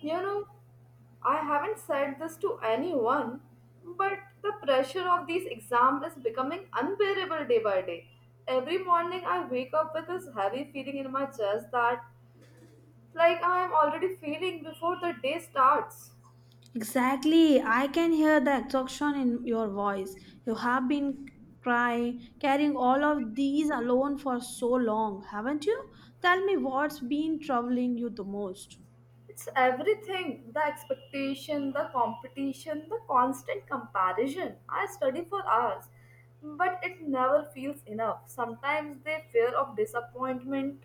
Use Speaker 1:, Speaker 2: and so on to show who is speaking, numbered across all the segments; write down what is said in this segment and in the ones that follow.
Speaker 1: You know, I haven't said this to anyone, but the pressure of these exams is becoming unbearable day by day. Every morning I wake up with this heavy feeling in my chest that I am already feeling before the day starts.
Speaker 2: Exactly. I can hear the exhaustion in your voice. You have been crying, carrying all of these alone for so long, haven't you? Tell me what's been troubling you the most.
Speaker 1: It's everything the expectation, the competition, the constant comparison. I study for hours, but it never feels enough. Sometimes the fear of disappointment,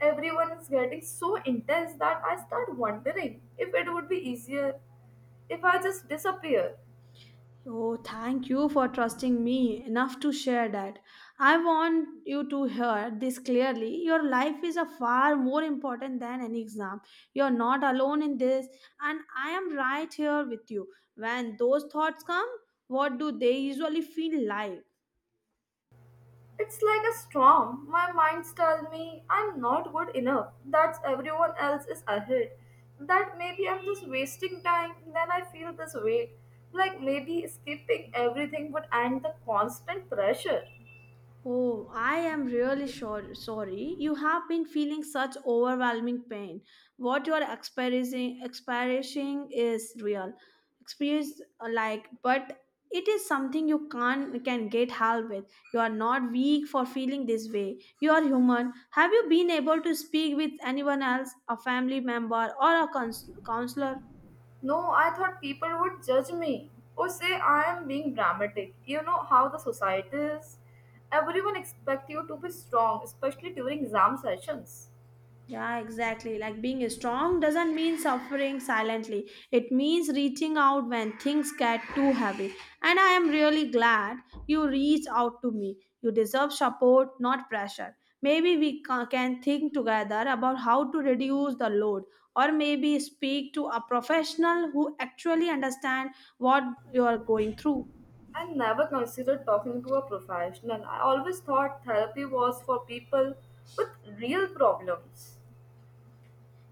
Speaker 1: everyone is getting so intense that I start wondering if it would be easier if I just disappear.
Speaker 2: Oh, thank you for trusting me enough to share that. I want you to hear this clearly. Your life is a far more important than an exam. You're not alone in this, and I am right here with you. When those thoughts come, what do they usually feel like?
Speaker 1: It's like a storm. My mind's tell me I'm not good enough. That's everyone else is ahead. That maybe I'm just wasting time. Then I feel this weight. Like maybe skipping everything would end the constant pressure.
Speaker 2: Oh, I am really sure, sorry. You have been feeling such overwhelming pain. What you are experiencing is real. Experience but it is something you can get help with. You are not weak for feeling this way. You are human. Have you been able to speak with anyone else, a family member or a counselor?
Speaker 1: No, I thought people would judge me or say I am being dramatic. You know how the society is. Everyone expects you to be strong, especially during exam sessions.
Speaker 2: Yeah, exactly. Like being strong doesn't mean suffering silently. It means reaching out when things get too heavy. And I am really glad you reached out to me. You deserve support, not pressure. Maybe we can think together about how to reduce the load or maybe speak to a professional who actually understand what you are going through.
Speaker 1: I never considered talking to a professional. I always thought therapy was for people with real problems.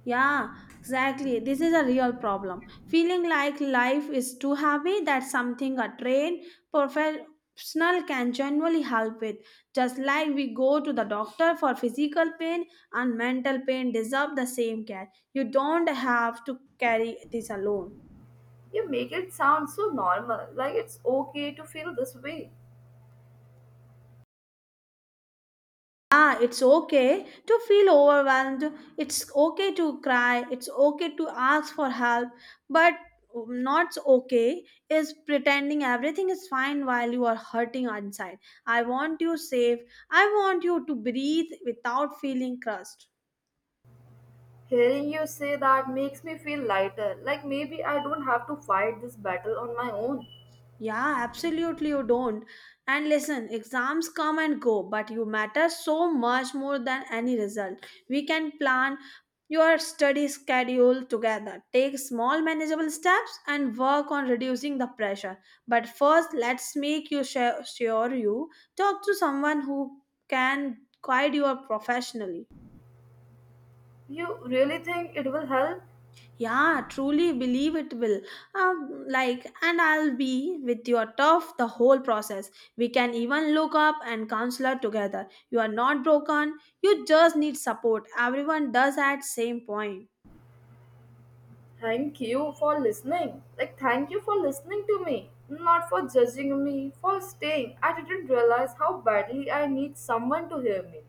Speaker 2: Yeah, exactly. This is a real problem. Feeling like life is too heavy, that's something a trained professional can genuinely help with. Just like we go to the doctor for physical pain and mental pain deserve the same care. You don't have to carry this alone.
Speaker 1: You make it sound so normal, like it's okay to feel this way.
Speaker 2: Ah, it's okay to feel overwhelmed. It's okay to cry. It's okay to ask for help. But not okay is pretending everything is fine while you are hurting inside. I want you safe. I want you to breathe without feeling crushed.
Speaker 1: Hearing you say that makes me feel lighter, like maybe I don't have to fight this battle on my own.
Speaker 2: Yeah, absolutely, you don't. And listen, exams come and go, but you matter so much more than any result. We can plan your study schedule together, take small manageable steps, and work on reducing the pressure. But first, let's make you sure you talk to someone who can guide you professionally.
Speaker 1: You really think it will help?
Speaker 2: Yeah, truly believe it will. And I'll be with your tough the whole process. We can even look up and counselor together. You are not broken. You just need support. Everyone does at same point.
Speaker 1: Thank you for listening. Like, thank you for listening to me, not for judging me, for staying. I didn't realize how badly I need someone to hear me.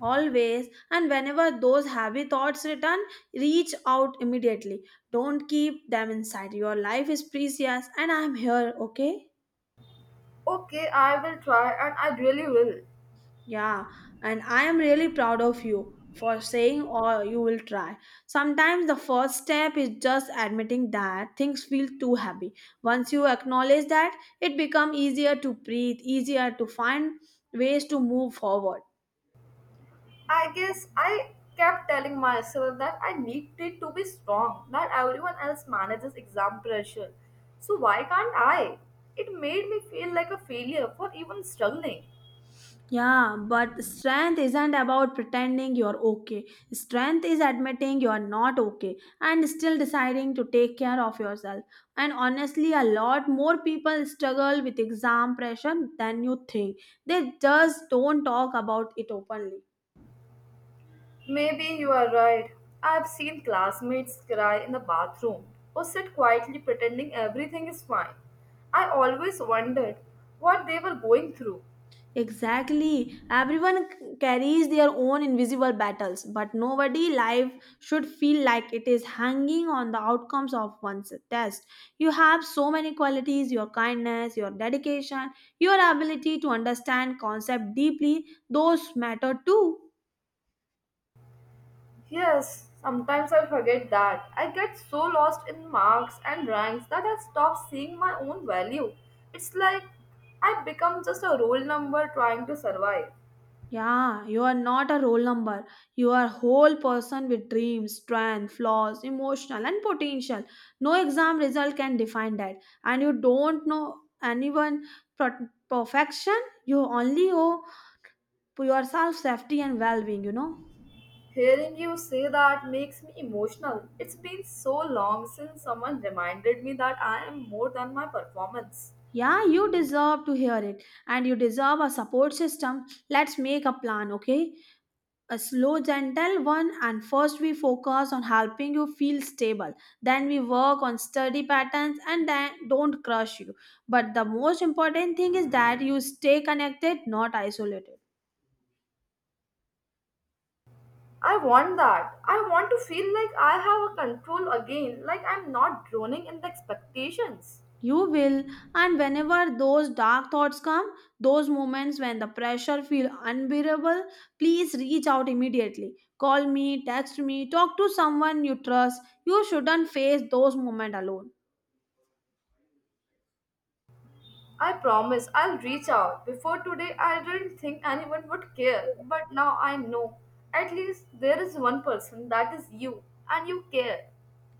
Speaker 2: Always and whenever those heavy thoughts return, reach out immediately. Don't keep them inside. Your life is precious, and I'm here. Okay.
Speaker 1: Okay, I will try and I really will.
Speaker 2: Yeah, and I am really proud of you for saying or you will try. Sometimes the first step is just admitting that things feel too heavy. Once you acknowledge that, it becomes easier to breathe, easier to find ways to move forward.
Speaker 1: I guess I kept telling myself that I needed to be strong, that everyone else manages exam pressure. So why can't I? It made me feel like a failure for even struggling.
Speaker 2: Yeah, but strength isn't about pretending you're okay. Strength is admitting you're not okay and still deciding to take care of yourself. And honestly, a lot more people struggle with exam pressure than you think. They just don't talk about it openly.
Speaker 1: Maybe you are right. I've seen classmates cry in the bathroom or sit quietly pretending everything is fine. I always wondered what they were going through.
Speaker 2: Exactly. Everyone carries their own invisible battles, but nobody life should feel like it is hanging on the outcomes of one's test. You have so many qualities, your kindness, your dedication, your ability to understand concept deeply, those matter too.
Speaker 1: Yes, sometimes I forget that. I get so lost in marks and ranks that I stop seeing my own value. It's like I become just a roll number trying to survive.
Speaker 2: Yeah, you are not a roll number. You are a whole person with dreams, strength, flaws, emotional and potential. No exam result can define that. And you don't know anyone perfection. You only owe yourself safety and well-being, you know.
Speaker 1: Hearing you say that makes me emotional. It's been so long since someone reminded me that I am more than my performance.
Speaker 2: Yeah, you deserve to hear it and you deserve a support system. Let's make a plan, okay? A slow, gentle one. And first, we focus on helping you feel stable. Then, we work on study patterns and then don't crush you. But the most important thing is that you stay connected, not isolated.
Speaker 1: I want that. I want to feel like I have a control again, like I'm not drowning in the expectations.
Speaker 2: You will, and whenever those dark thoughts come, those moments when the pressure feels unbearable, please reach out immediately. Call me, text me, talk to someone you trust. You shouldn't face those moments alone.
Speaker 1: I promise I'll reach out. Before today, I didn't think anyone would care, but now I know. At least there is one person that is you, and you care.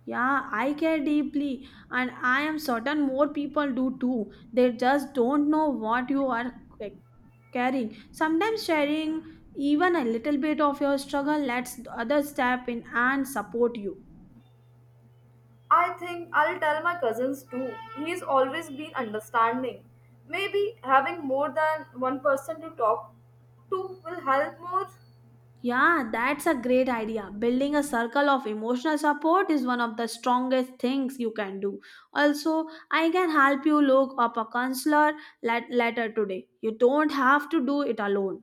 Speaker 2: Yeah, I care deeply, and I am certain more people do too. They just don't know what you are c- carrying. Sometimes sharing even a little bit of your struggle lets others step in and support you.
Speaker 1: I think I'll tell my cousins too. He's always been understanding. Maybe having more than one person to talk to will help more.
Speaker 2: Yeah, that's a great idea. Building a circle of emotional support is one of the strongest things you can do. Also, I can help you look up a counselor later today. You don't have to do it alone.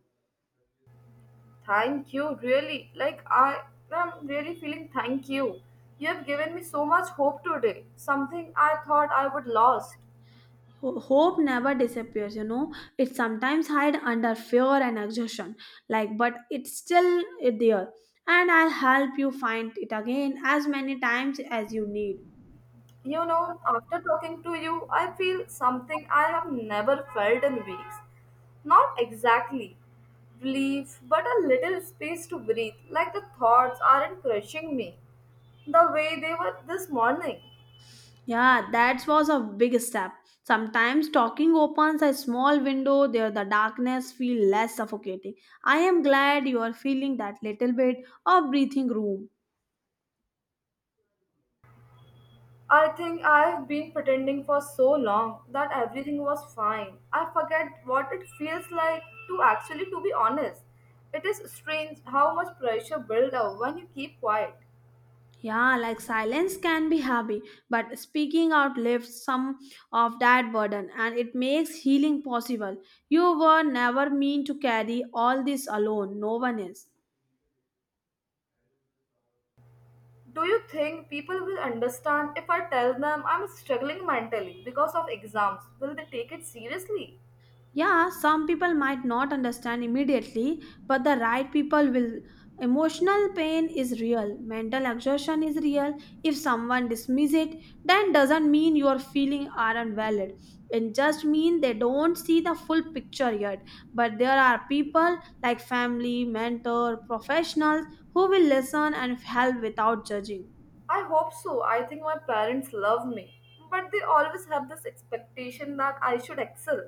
Speaker 1: Thank you, really. Like, I am really feeling thank you. You have given me so much hope today, something I thought I would lost.
Speaker 2: Hope never disappears, you know, it sometimes hide under fear and exhaustion, but it's still there, and I'll help you find it again as many times as you need.
Speaker 1: You know, after talking to you, I feel something I have never felt in weeks. Not exactly relief, but a little space to breathe, like the thoughts aren't crushing me the way they were this morning.
Speaker 2: Yeah, that was a big step. Sometimes talking opens a small window there the darkness feel less suffocating. I am glad you are feeling that little bit of breathing room.
Speaker 1: I think I've been pretending for so long that everything was fine. I forget what it feels like to actually to be honest. It is strange how much pressure builds up when you keep quiet.
Speaker 2: Yeah, like silence can be heavy, but speaking out lifts some of that burden and it makes healing possible. You were never meant to carry all this alone, no one is.
Speaker 1: Do you think people will understand if I tell them I'm struggling mentally because of exams? Will they take it seriously?
Speaker 2: Yeah, some people might not understand immediately, but the right people will. Emotional pain is real, mental exhaustion is real. If someone dismisses it, then doesn't mean your feelings aren't valid. It just means they don't see the full picture yet. But there are people like family, mentor, professionals who will listen and help without judging.
Speaker 1: I hope so. I think my parents love me. But they always have this expectation that I should excel.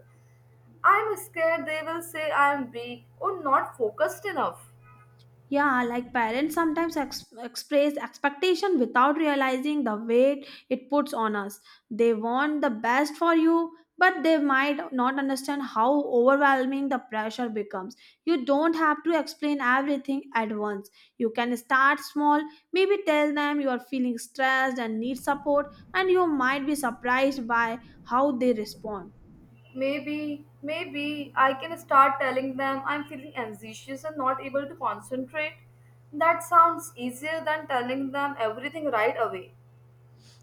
Speaker 1: I'm scared they will say I am weak or not focused enough.
Speaker 2: Yeah, like parents sometimes express expectation without realizing the weight it puts on us. They want the best for you, but they might not understand how overwhelming the pressure becomes. You don't have to explain everything at once. You can start small, maybe tell them you are feeling stressed and need support, and you might be surprised by how they respond.
Speaker 1: Maybe, maybe I can start telling them I'm feeling anxious and not able to concentrate. That sounds easier than telling them everything right away.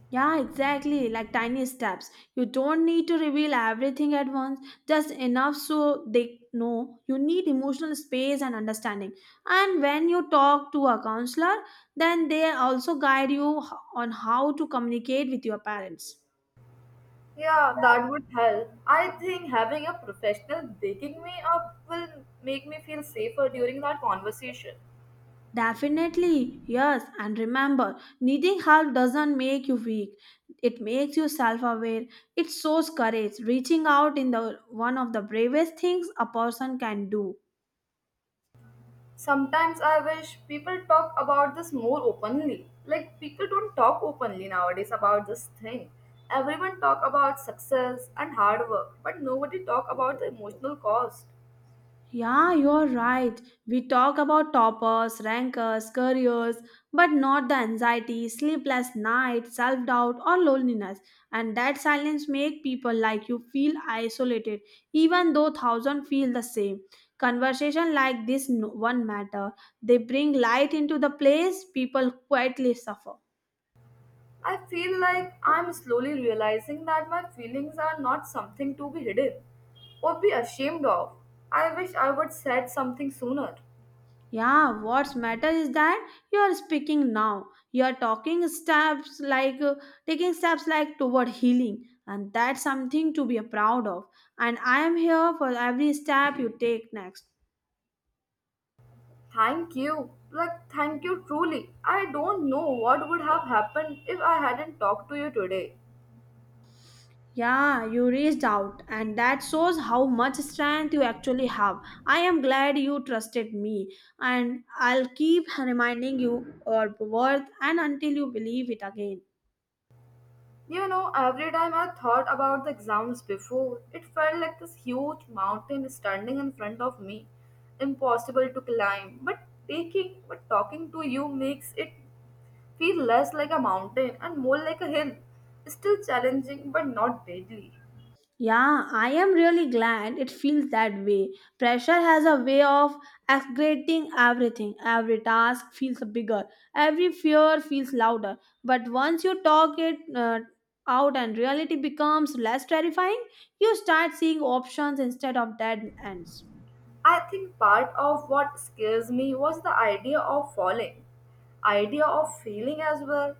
Speaker 2: Yeah, exactly, like tiny steps. You don't need to reveal everything at once, just enough so they know. You need emotional space and understanding. And when you talk to a counselor, then they also guide you on how to communicate with your parents.
Speaker 1: Yeah, that would help. I think having a professional baking me up will make me feel safer during that conversation.
Speaker 2: Definitely, yes. And remember, needing help doesn't make you weak. It makes you self-aware. It shows courage. Reaching out in the one of the bravest things a person can do.
Speaker 1: Sometimes I wish people talk about this more openly. Like people don't talk openly nowadays about this thing. Everyone talk about success and hard work, but nobody talk about the emotional cost.
Speaker 2: Yeah, you're right. We talk about toppers, rankers, careers, but not the anxiety, sleepless nights, self-doubt or loneliness. And that silence make people like you feel isolated, even though thousand feel the same. Conversation like this one matter. They bring light into the place people quietly suffer.
Speaker 1: I feel like I'm slowly realizing that my feelings are not something to be hidden or be ashamed of. I wish I would said something sooner.
Speaker 2: Yeah, what's matter is that you are speaking now. You are talking steps like taking steps like toward healing, and that's something to be proud of. And I am here for every step you take next.
Speaker 1: Thank you. Like, thank you truly. I don't know what would have happened if I hadn't talked to you today.
Speaker 2: Yeah, you reached out, and that shows how much strength you actually have. I am glad you trusted me, and I'll keep reminding you your worth and until you believe it again.
Speaker 1: You know, every time I thought about the exams before, it felt like this huge mountain standing in front of me, impossible to climb. But talking to you makes it feel less like a mountain and more like a hill. Still challenging, but not deadly.
Speaker 2: Yeah, I am really glad it feels that way. Pressure has a way of exaggerating everything. Every task feels bigger, every fear feels louder. But once you talk it out and reality becomes less terrifying, you start seeing options instead of dead ends.
Speaker 1: I think part of what scares me was the idea of falling, idea of failing as well.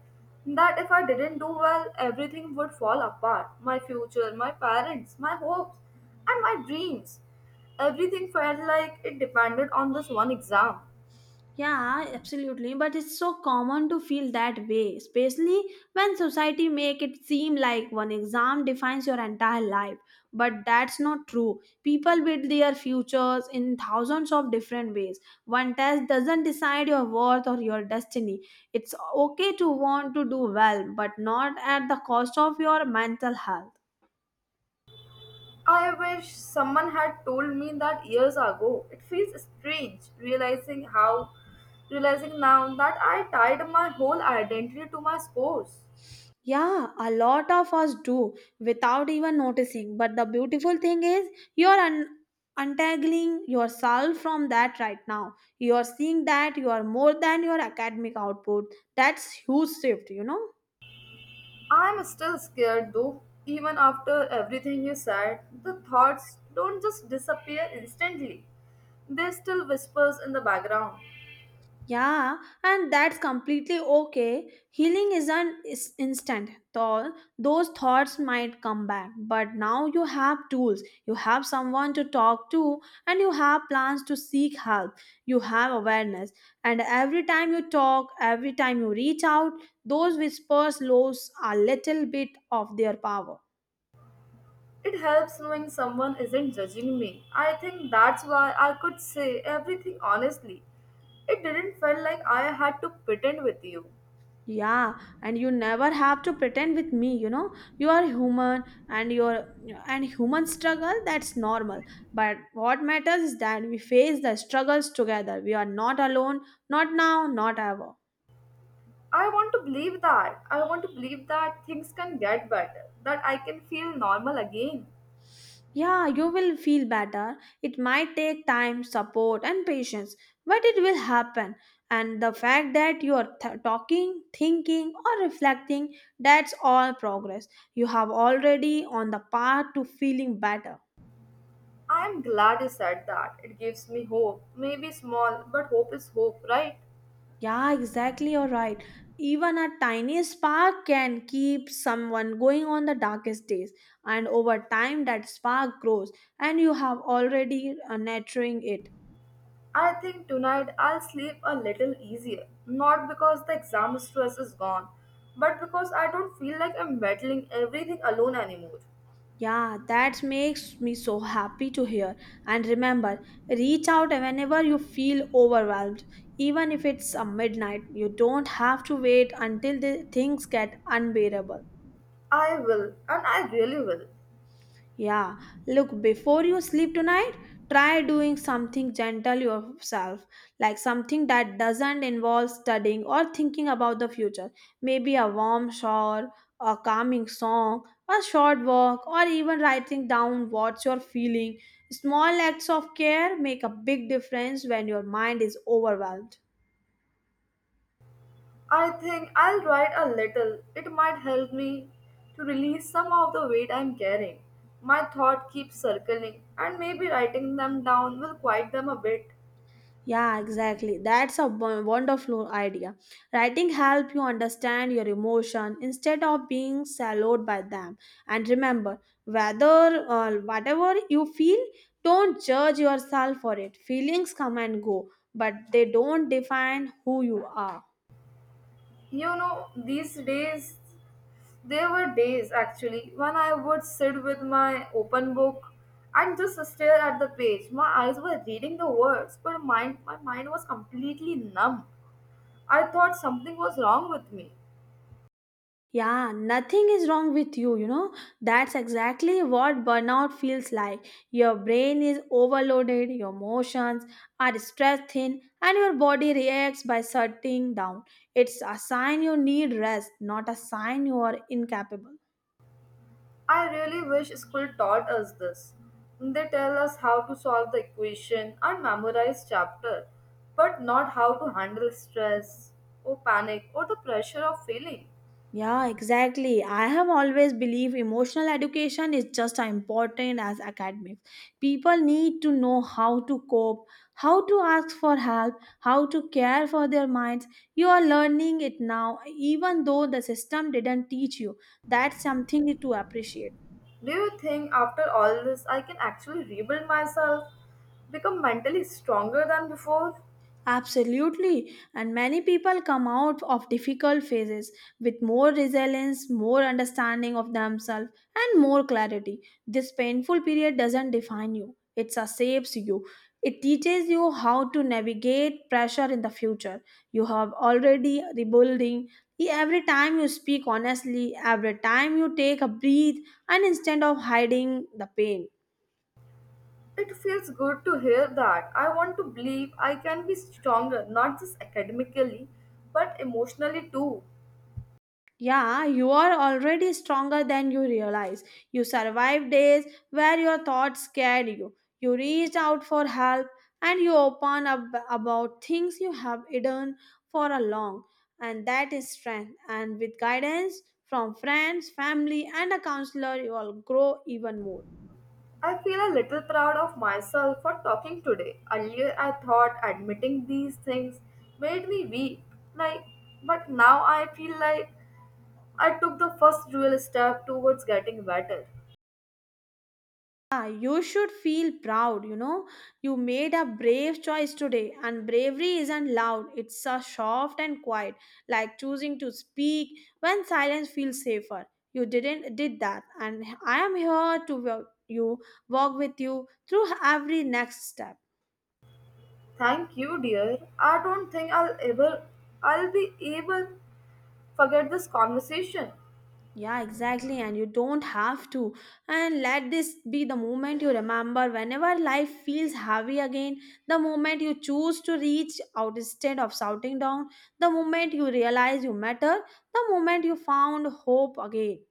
Speaker 1: That if I didn't do well, everything would fall apart my future, my parents, my hopes, and my dreams. Everything felt like it depended on this one exam.
Speaker 2: Yeah, absolutely. But it's so common to feel that way, especially when society make it seem like one exam defines your entire life. But that's not true. People build their futures in thousands of different ways. One test doesn't decide your worth or your destiny. It's okay to want to do well, but not at the cost of your mental health.
Speaker 1: I wish someone had told me that years ago. It feels strange realizing now that I tied my whole identity to my scores.
Speaker 2: Yeah, a lot of us do without even noticing. But the beautiful thing is, you're untangling yourself from that right now. You're seeing that you are more than your academic output. That's huge shift, you know.
Speaker 1: I'm still scared though. Even after everything you said, the thoughts don't just disappear instantly. They still whispers in the background.
Speaker 2: Yeah, and that's completely okay. Healing isn't is instant. Though those thoughts might come back, but now you have tools. You have someone to talk to, and you have plans to seek help. You have awareness, and every time you talk, every time you reach out, those whispers lose a little bit of their power.
Speaker 1: It helps knowing someone isn't judging me. I think that's why I could say everything honestly. It didn't feel like I had to pretend with you.
Speaker 2: Yeah, and you never have to pretend with me, you know. You are human and your and human struggle that's normal. But what matters is that we face the struggles together. We are not alone, not now, not ever.
Speaker 1: I want to believe that. I want to believe that things can get better, that I can feel normal again.
Speaker 2: Yeah, you will feel better. It might take time, support and patience, but it will happen. And the fact that you are talking, thinking or reflecting, that's all progress. You have already on the path to feeling better.
Speaker 1: I'm glad you said that. It gives me hope. Maybe small, but hope is hope, right?
Speaker 2: Yeah, exactly. You're right. Even a tiny spark can keep someone going on the darkest days, and over time, that spark grows, and you have already nurturing it.
Speaker 1: I think tonight I'll sleep a little easier. Not because the exam stress is gone, but because I don't feel like I'm battling everything alone anymore.
Speaker 2: Yeah, that makes me so happy to hear. And remember, reach out whenever you feel overwhelmed. Even if it's a midnight, you don't have to wait until the things get unbearable.
Speaker 1: I will, and I really will.
Speaker 2: Yeah, look, before you sleep tonight, try doing something gentle yourself, like something that doesn't involve studying or thinking about the future. Maybe a warm shower, a calming song, a short walk, or even writing down what you're feeling. Small acts of care make a big difference when your mind is overwhelmed.
Speaker 1: I think I'll write a little. It might help me to release some of the weight I'm carrying. My thought keeps circling, and maybe writing them down will quiet them a bit.
Speaker 2: Yeah, exactly. That's a wonderful idea. Writing help you understand your emotion instead of being swallowed by them. And remember, whether whatever you feel, don't judge yourself for it. Feelings come and go, but they don't define who you are.
Speaker 1: You know, these days, there were days actually when I would sit with my open book and just stare at the page. My eyes were reading the words, but my mind was completely numb. I thought something was wrong with me.
Speaker 2: Yeah, nothing is wrong with you, you know. That's exactly what burnout feels like. Your brain is overloaded, your emotions are stressed thin, and your body reacts by shutting down. It's a sign you need rest, not a sign you are incapable.
Speaker 1: I really wish school taught us this. They tell us how to solve the equation and memorize chapter, but not how to handle stress or panic or the pressure of failing.
Speaker 2: Yeah, exactly. I have always believed emotional education is just as important as academics. People need to know how to cope, how to ask for help, how to care for their minds. You are learning it now, even though the system didn't teach you. That's something to appreciate.
Speaker 1: Do you think after all this I can actually rebuild myself, become mentally stronger than before?
Speaker 2: Absolutely, and many people come out of difficult phases with more resilience, more understanding of themselves, and more clarity. This painful period doesn't define you, it shapes you. It teaches you how to navigate pressure in the future. You have already rebuilding. Every time you speak honestly, every time you take a breath, and instead of hiding the pain.
Speaker 1: It feels good to hear that. I want to believe I can be stronger, not just academically, but emotionally too.
Speaker 2: Yeah, you are already stronger than you realize. You survived days where your thoughts scared you. You reached out for help and you open up about things you have hidden for a long. And that is strength. And with guidance from friends, family, and a counselor, you will grow even more.
Speaker 1: I feel a little proud of myself for talking today. Earlier, I thought admitting these things made me weak, like, but now I feel like I took the first real step towards getting better.
Speaker 2: Ah, you should feel proud, you know. You made a brave choice today, and bravery isn't loud, it's a soft and quiet, like choosing to speak when silence feels safer. You didn't did that, and I am here to you walk with you through every next step.
Speaker 1: Thank you, dear. I don't think I'll ever I'll be able forget this conversation.
Speaker 2: Yeah, exactly. And you don't have to. And let this be the moment you remember whenever life feels heavy again, the moment you choose to reach out instead of shouting down, the moment you realize you matter, the moment you found hope again.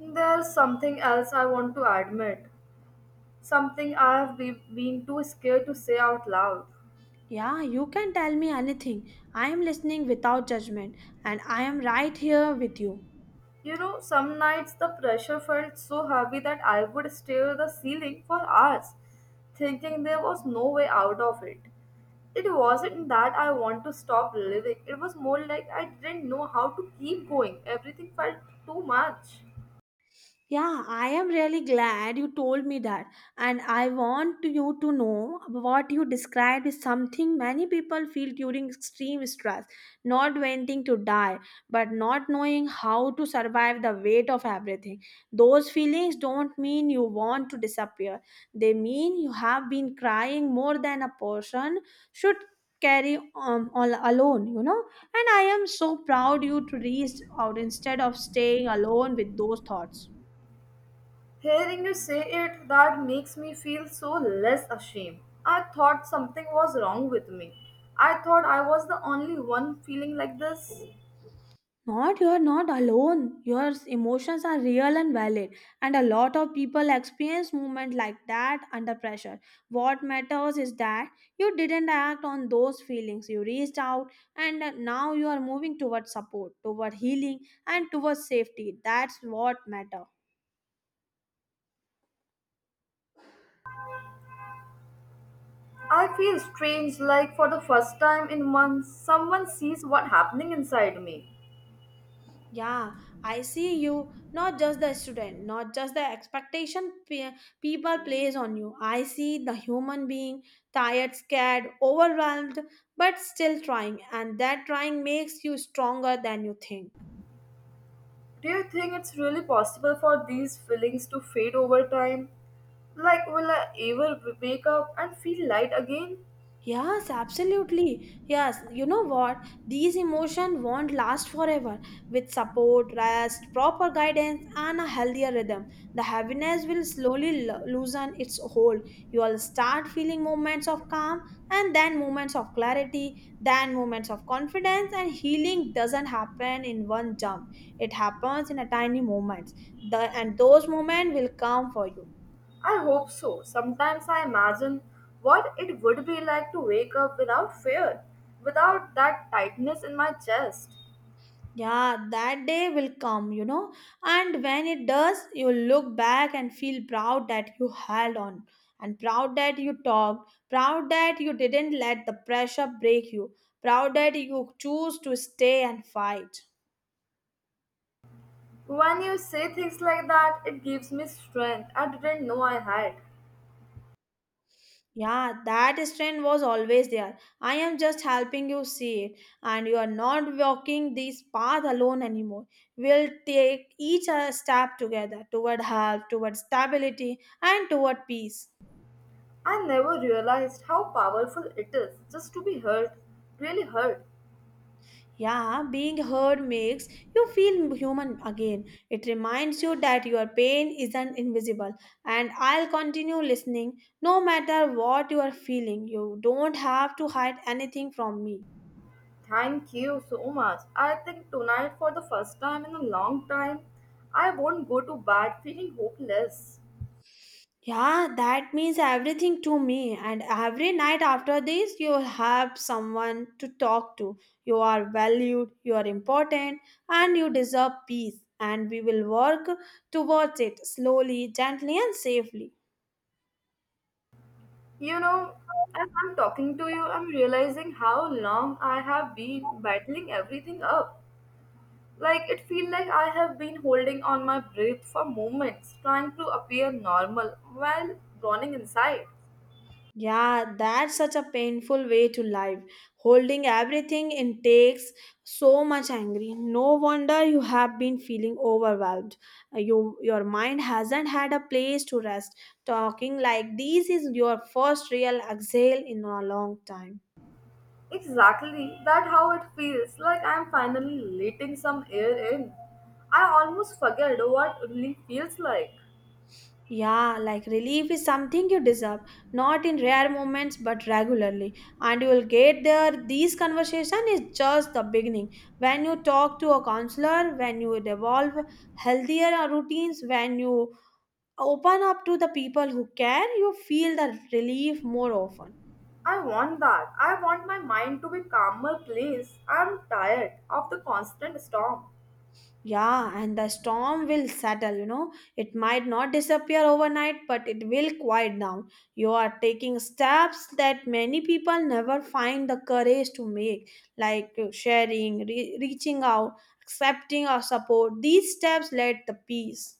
Speaker 1: There's something else I want to admit. Something I have been too scared to say out loud.
Speaker 2: Yeah, you can tell me anything. I am listening without judgment, and I am right here with you.
Speaker 1: You know, some nights the pressure felt so heavy that I would stare at the ceiling for hours, thinking there was no way out of it. It wasn't that I want to stop living, it was more like I didn't know how to keep going. Everything felt too much.
Speaker 2: Yeah, I am really glad you told me that. And I want you to know what you described is something many people feel during extreme stress, not wanting to die, but not knowing how to survive the weight of everything. Those feelings don't mean you want to disappear, they mean you have been crying more than a person should carry all alone, you know, and I am so proud you to reach out instead of staying alone with those thoughts.
Speaker 1: Hearing you say it, that makes me feel so less ashamed. I thought something was wrong with me. I thought I was the only one feeling like this.
Speaker 2: Not you're not alone. Your emotions are real and valid, and a lot of people experience movement like that under pressure. What matters is that you didn't act on those feelings. You reached out, and now you are moving towards support, toward healing, and towards safety. That's what matters.
Speaker 1: I feel strange, like for the first time in months, someone sees what happening inside me.
Speaker 2: Yeah, I see you. Not just the student, not just the expectation people place on you. I see the human being tired, scared, overwhelmed, but still trying. And that trying makes you stronger than you think.
Speaker 1: Do you think it's really possible for these feelings to fade over time? Like, will I ever wake up and feel light again?
Speaker 2: Yes, absolutely. Yes, you know what? These emotions won't last forever. With support, rest, proper guidance, and a healthier rhythm, the heaviness will slowly loosen its hold. You will start feeling moments of calm, and then moments of clarity, then moments of confidence. And healing doesn't happen in one jump; it happens in a tiny moments. The and those moments will come for you.
Speaker 1: I hope so. Sometimes I imagine what it would be like to wake up without fear, without that tightness in my chest.
Speaker 2: Yeah, that day will come, you know. And when it does, you look back and feel proud that you held on, and proud that you talked, proud that you didn't let the pressure break you, proud that you choose to stay and fight.
Speaker 1: When you say things like that, it gives me strength I didn't know I had.
Speaker 2: Yeah, that strength was always there. I am just helping you see it, and you are not walking this path alone anymore. We'll take each step together toward health, toward stability, and toward peace.
Speaker 1: I never realized how powerful it is just to be heard, really heard.
Speaker 2: Yeah, being heard makes you feel human again. It reminds you that your pain isn't invisible. And I'll continue listening no matter what you are feeling. You don't have to hide anything from me.
Speaker 1: Thank you so much. I think tonight, for the first time in a long time, I won't go to bed feeling hopeless.
Speaker 2: Yeah, that means everything to me. And every night after this, you'll have someone to talk to. You are valued, you are important, and you deserve peace. And we will work towards it slowly, gently, and safely.
Speaker 1: You know, as I'm talking to you, I'm realizing how long I have been battling everything up. Like it feels like I have been holding on my breath for moments, trying to appear normal while drowning inside.
Speaker 2: Yeah, that's such a painful way to live. Holding everything in takes so much angry. No wonder you have been feeling overwhelmed. You, your mind hasn't had a place to rest. Talking like this is your first real exhale in a long time.
Speaker 1: Exactly, that how it feels like I'm finally letting some air in. I almost forget what relief feels like.
Speaker 2: Yeah, like relief is something you deserve, not in rare moments but regularly. And you will get there. These conversation is just the beginning. When you talk to a counselor, when you evolve healthier routines, when you open up to the people who care, you feel the relief more often.
Speaker 1: I want that. I want my mind to be calmer place. I'm tired of the constant storm.
Speaker 2: Yeah, and the storm will settle, you know. It might not disappear overnight, but it will quiet down. You are taking steps that many people never find the courage to make, like sharing, reaching out, accepting our support. These steps let the peace.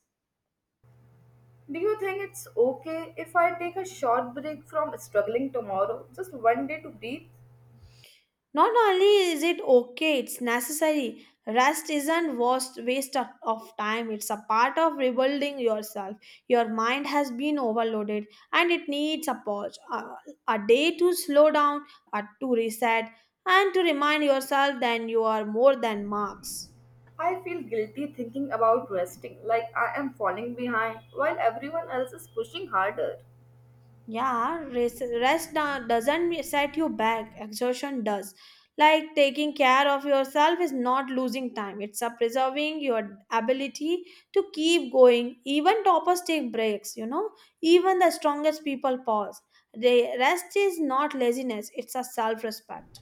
Speaker 1: Do you think it's okay if I take a short break from struggling tomorrow, just one day to breathe?
Speaker 2: Not only is it okay, it's necessary. Rest isn't waste, waste of time. It's a part of rebuilding yourself. Your mind has been overloaded and it needs a pause, a day to slow down, a, to reset, and to remind yourself that you are more than marks.
Speaker 1: I feel guilty thinking about resting, like I am falling behind while everyone else is pushing harder.
Speaker 2: Yeah, rest doesn't set you back. Exhaustion does. Like taking care of yourself is not losing time. It's a preserving your ability to keep going. Even toppers take breaks, you know. Even the strongest people pause. The rest is not laziness, it's a self-respect.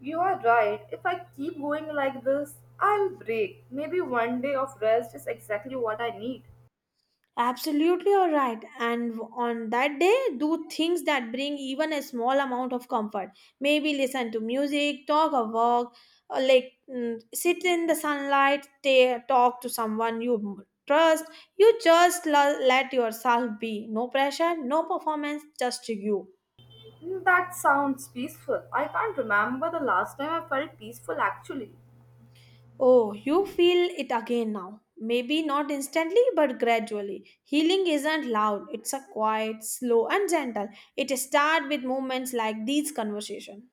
Speaker 1: You are right, if I keep going like this, I'll break. Maybe one day of rest is exactly what I need.
Speaker 2: Absolutely, all right. And on that day, do things that bring even a small amount of comfort. Maybe listen to music, talk a walk, or sit in the sunlight, talk to someone you trust. You just let yourself be. No pressure, no performance, just you.
Speaker 1: That sounds peaceful. I can't remember the last time I felt peaceful actually.
Speaker 2: Oh, you feel it again now. Maybe not instantly, but gradually. Healing isn't loud, it's a quiet, slow, and gentle. It starts with moments like these conversations.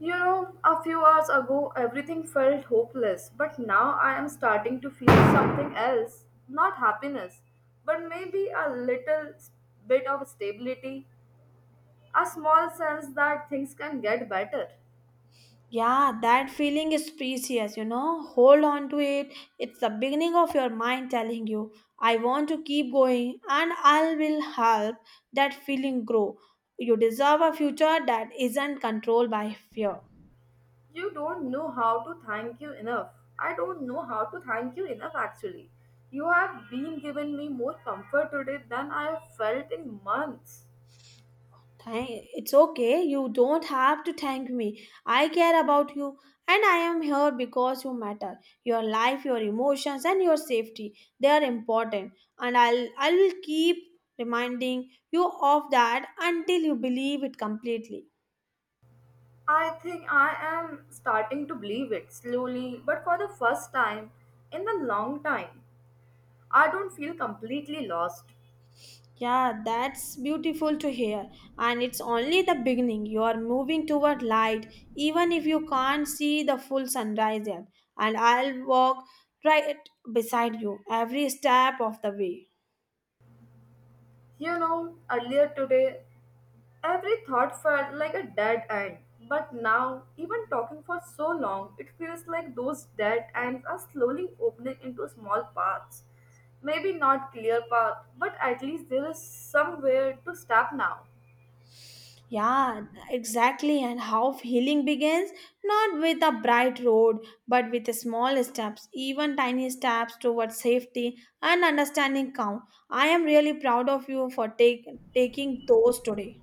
Speaker 1: You know, a few hours ago everything felt hopeless, but now I am starting to feel something else. Not happiness, but maybe a little bit of stability, a small sense that things can get better.
Speaker 2: Yeah, that feeling is precious, you know. Hold on to it. It's the beginning of your mind telling you, I want to keep going and I will help that feeling grow. You deserve a future that isn't controlled by fear.
Speaker 1: You don't know how to thank you enough. I don't know how to thank you enough actually. You have been given me more comfort today than I have felt in months.
Speaker 2: Thank, it's okay. You don't have to thank me. I care about you and I am here because you matter. Your life, your emotions and your safety, they are important and I will keep reminding you of that until you believe it completely.
Speaker 1: I think I am starting to believe it slowly, but for the first time in a long time, I don't feel completely lost.
Speaker 2: Yeah, that's beautiful to hear and it's only the beginning. You are moving toward light even if you can't see the full sunrise yet and I'll walk right beside you every step of the way.
Speaker 1: You know, earlier today, every thought felt like a dead end, but now, even talking for so long, it feels like those dead ends are slowly opening into small paths. Maybe not clear path, but at least there is somewhere to step now.
Speaker 2: Yeah, exactly. And how healing begins? Not with a bright road, but with small steps, even tiny steps towards safety and understanding count. I am really proud of you for taking those today.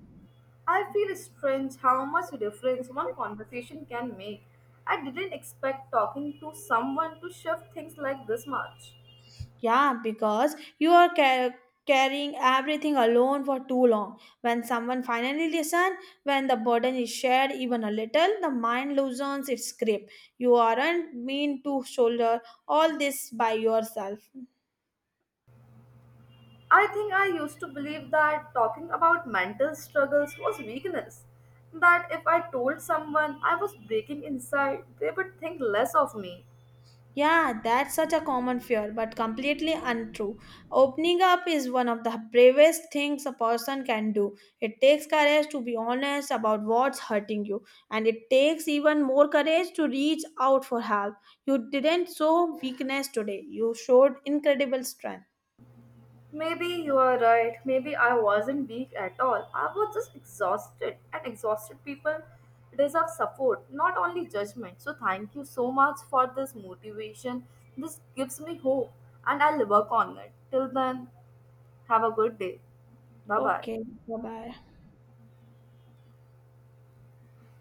Speaker 1: I feel strange how much difference one conversation can make. I didn't expect talking to someone to shift things like this much.
Speaker 2: Yeah, because you are carrying everything alone for too long. When someone finally listens, when the burden is shared even a little, the mind loosens its grip. You aren't mean to shoulder all this by yourself.
Speaker 1: I think I used to believe that talking about mental struggles was weakness. That if I told someone I was breaking inside, they would think less of me.
Speaker 2: Yeah, that's such a common fear, but completely untrue. Opening up is one of the bravest things a person can do. It takes courage to be honest about what's hurting you, and it takes even more courage to reach out for help. You didn't show weakness today, you showed incredible strength.
Speaker 1: Maybe you are right. Maybe I wasn't weak at all. I was just exhausted, and exhausted people deserve support, not only judgment. So, thank you so much for this motivation. This gives me hope, and I'll work on it. Till then, have a good day. Bye bye.
Speaker 2: Okay, bye bye.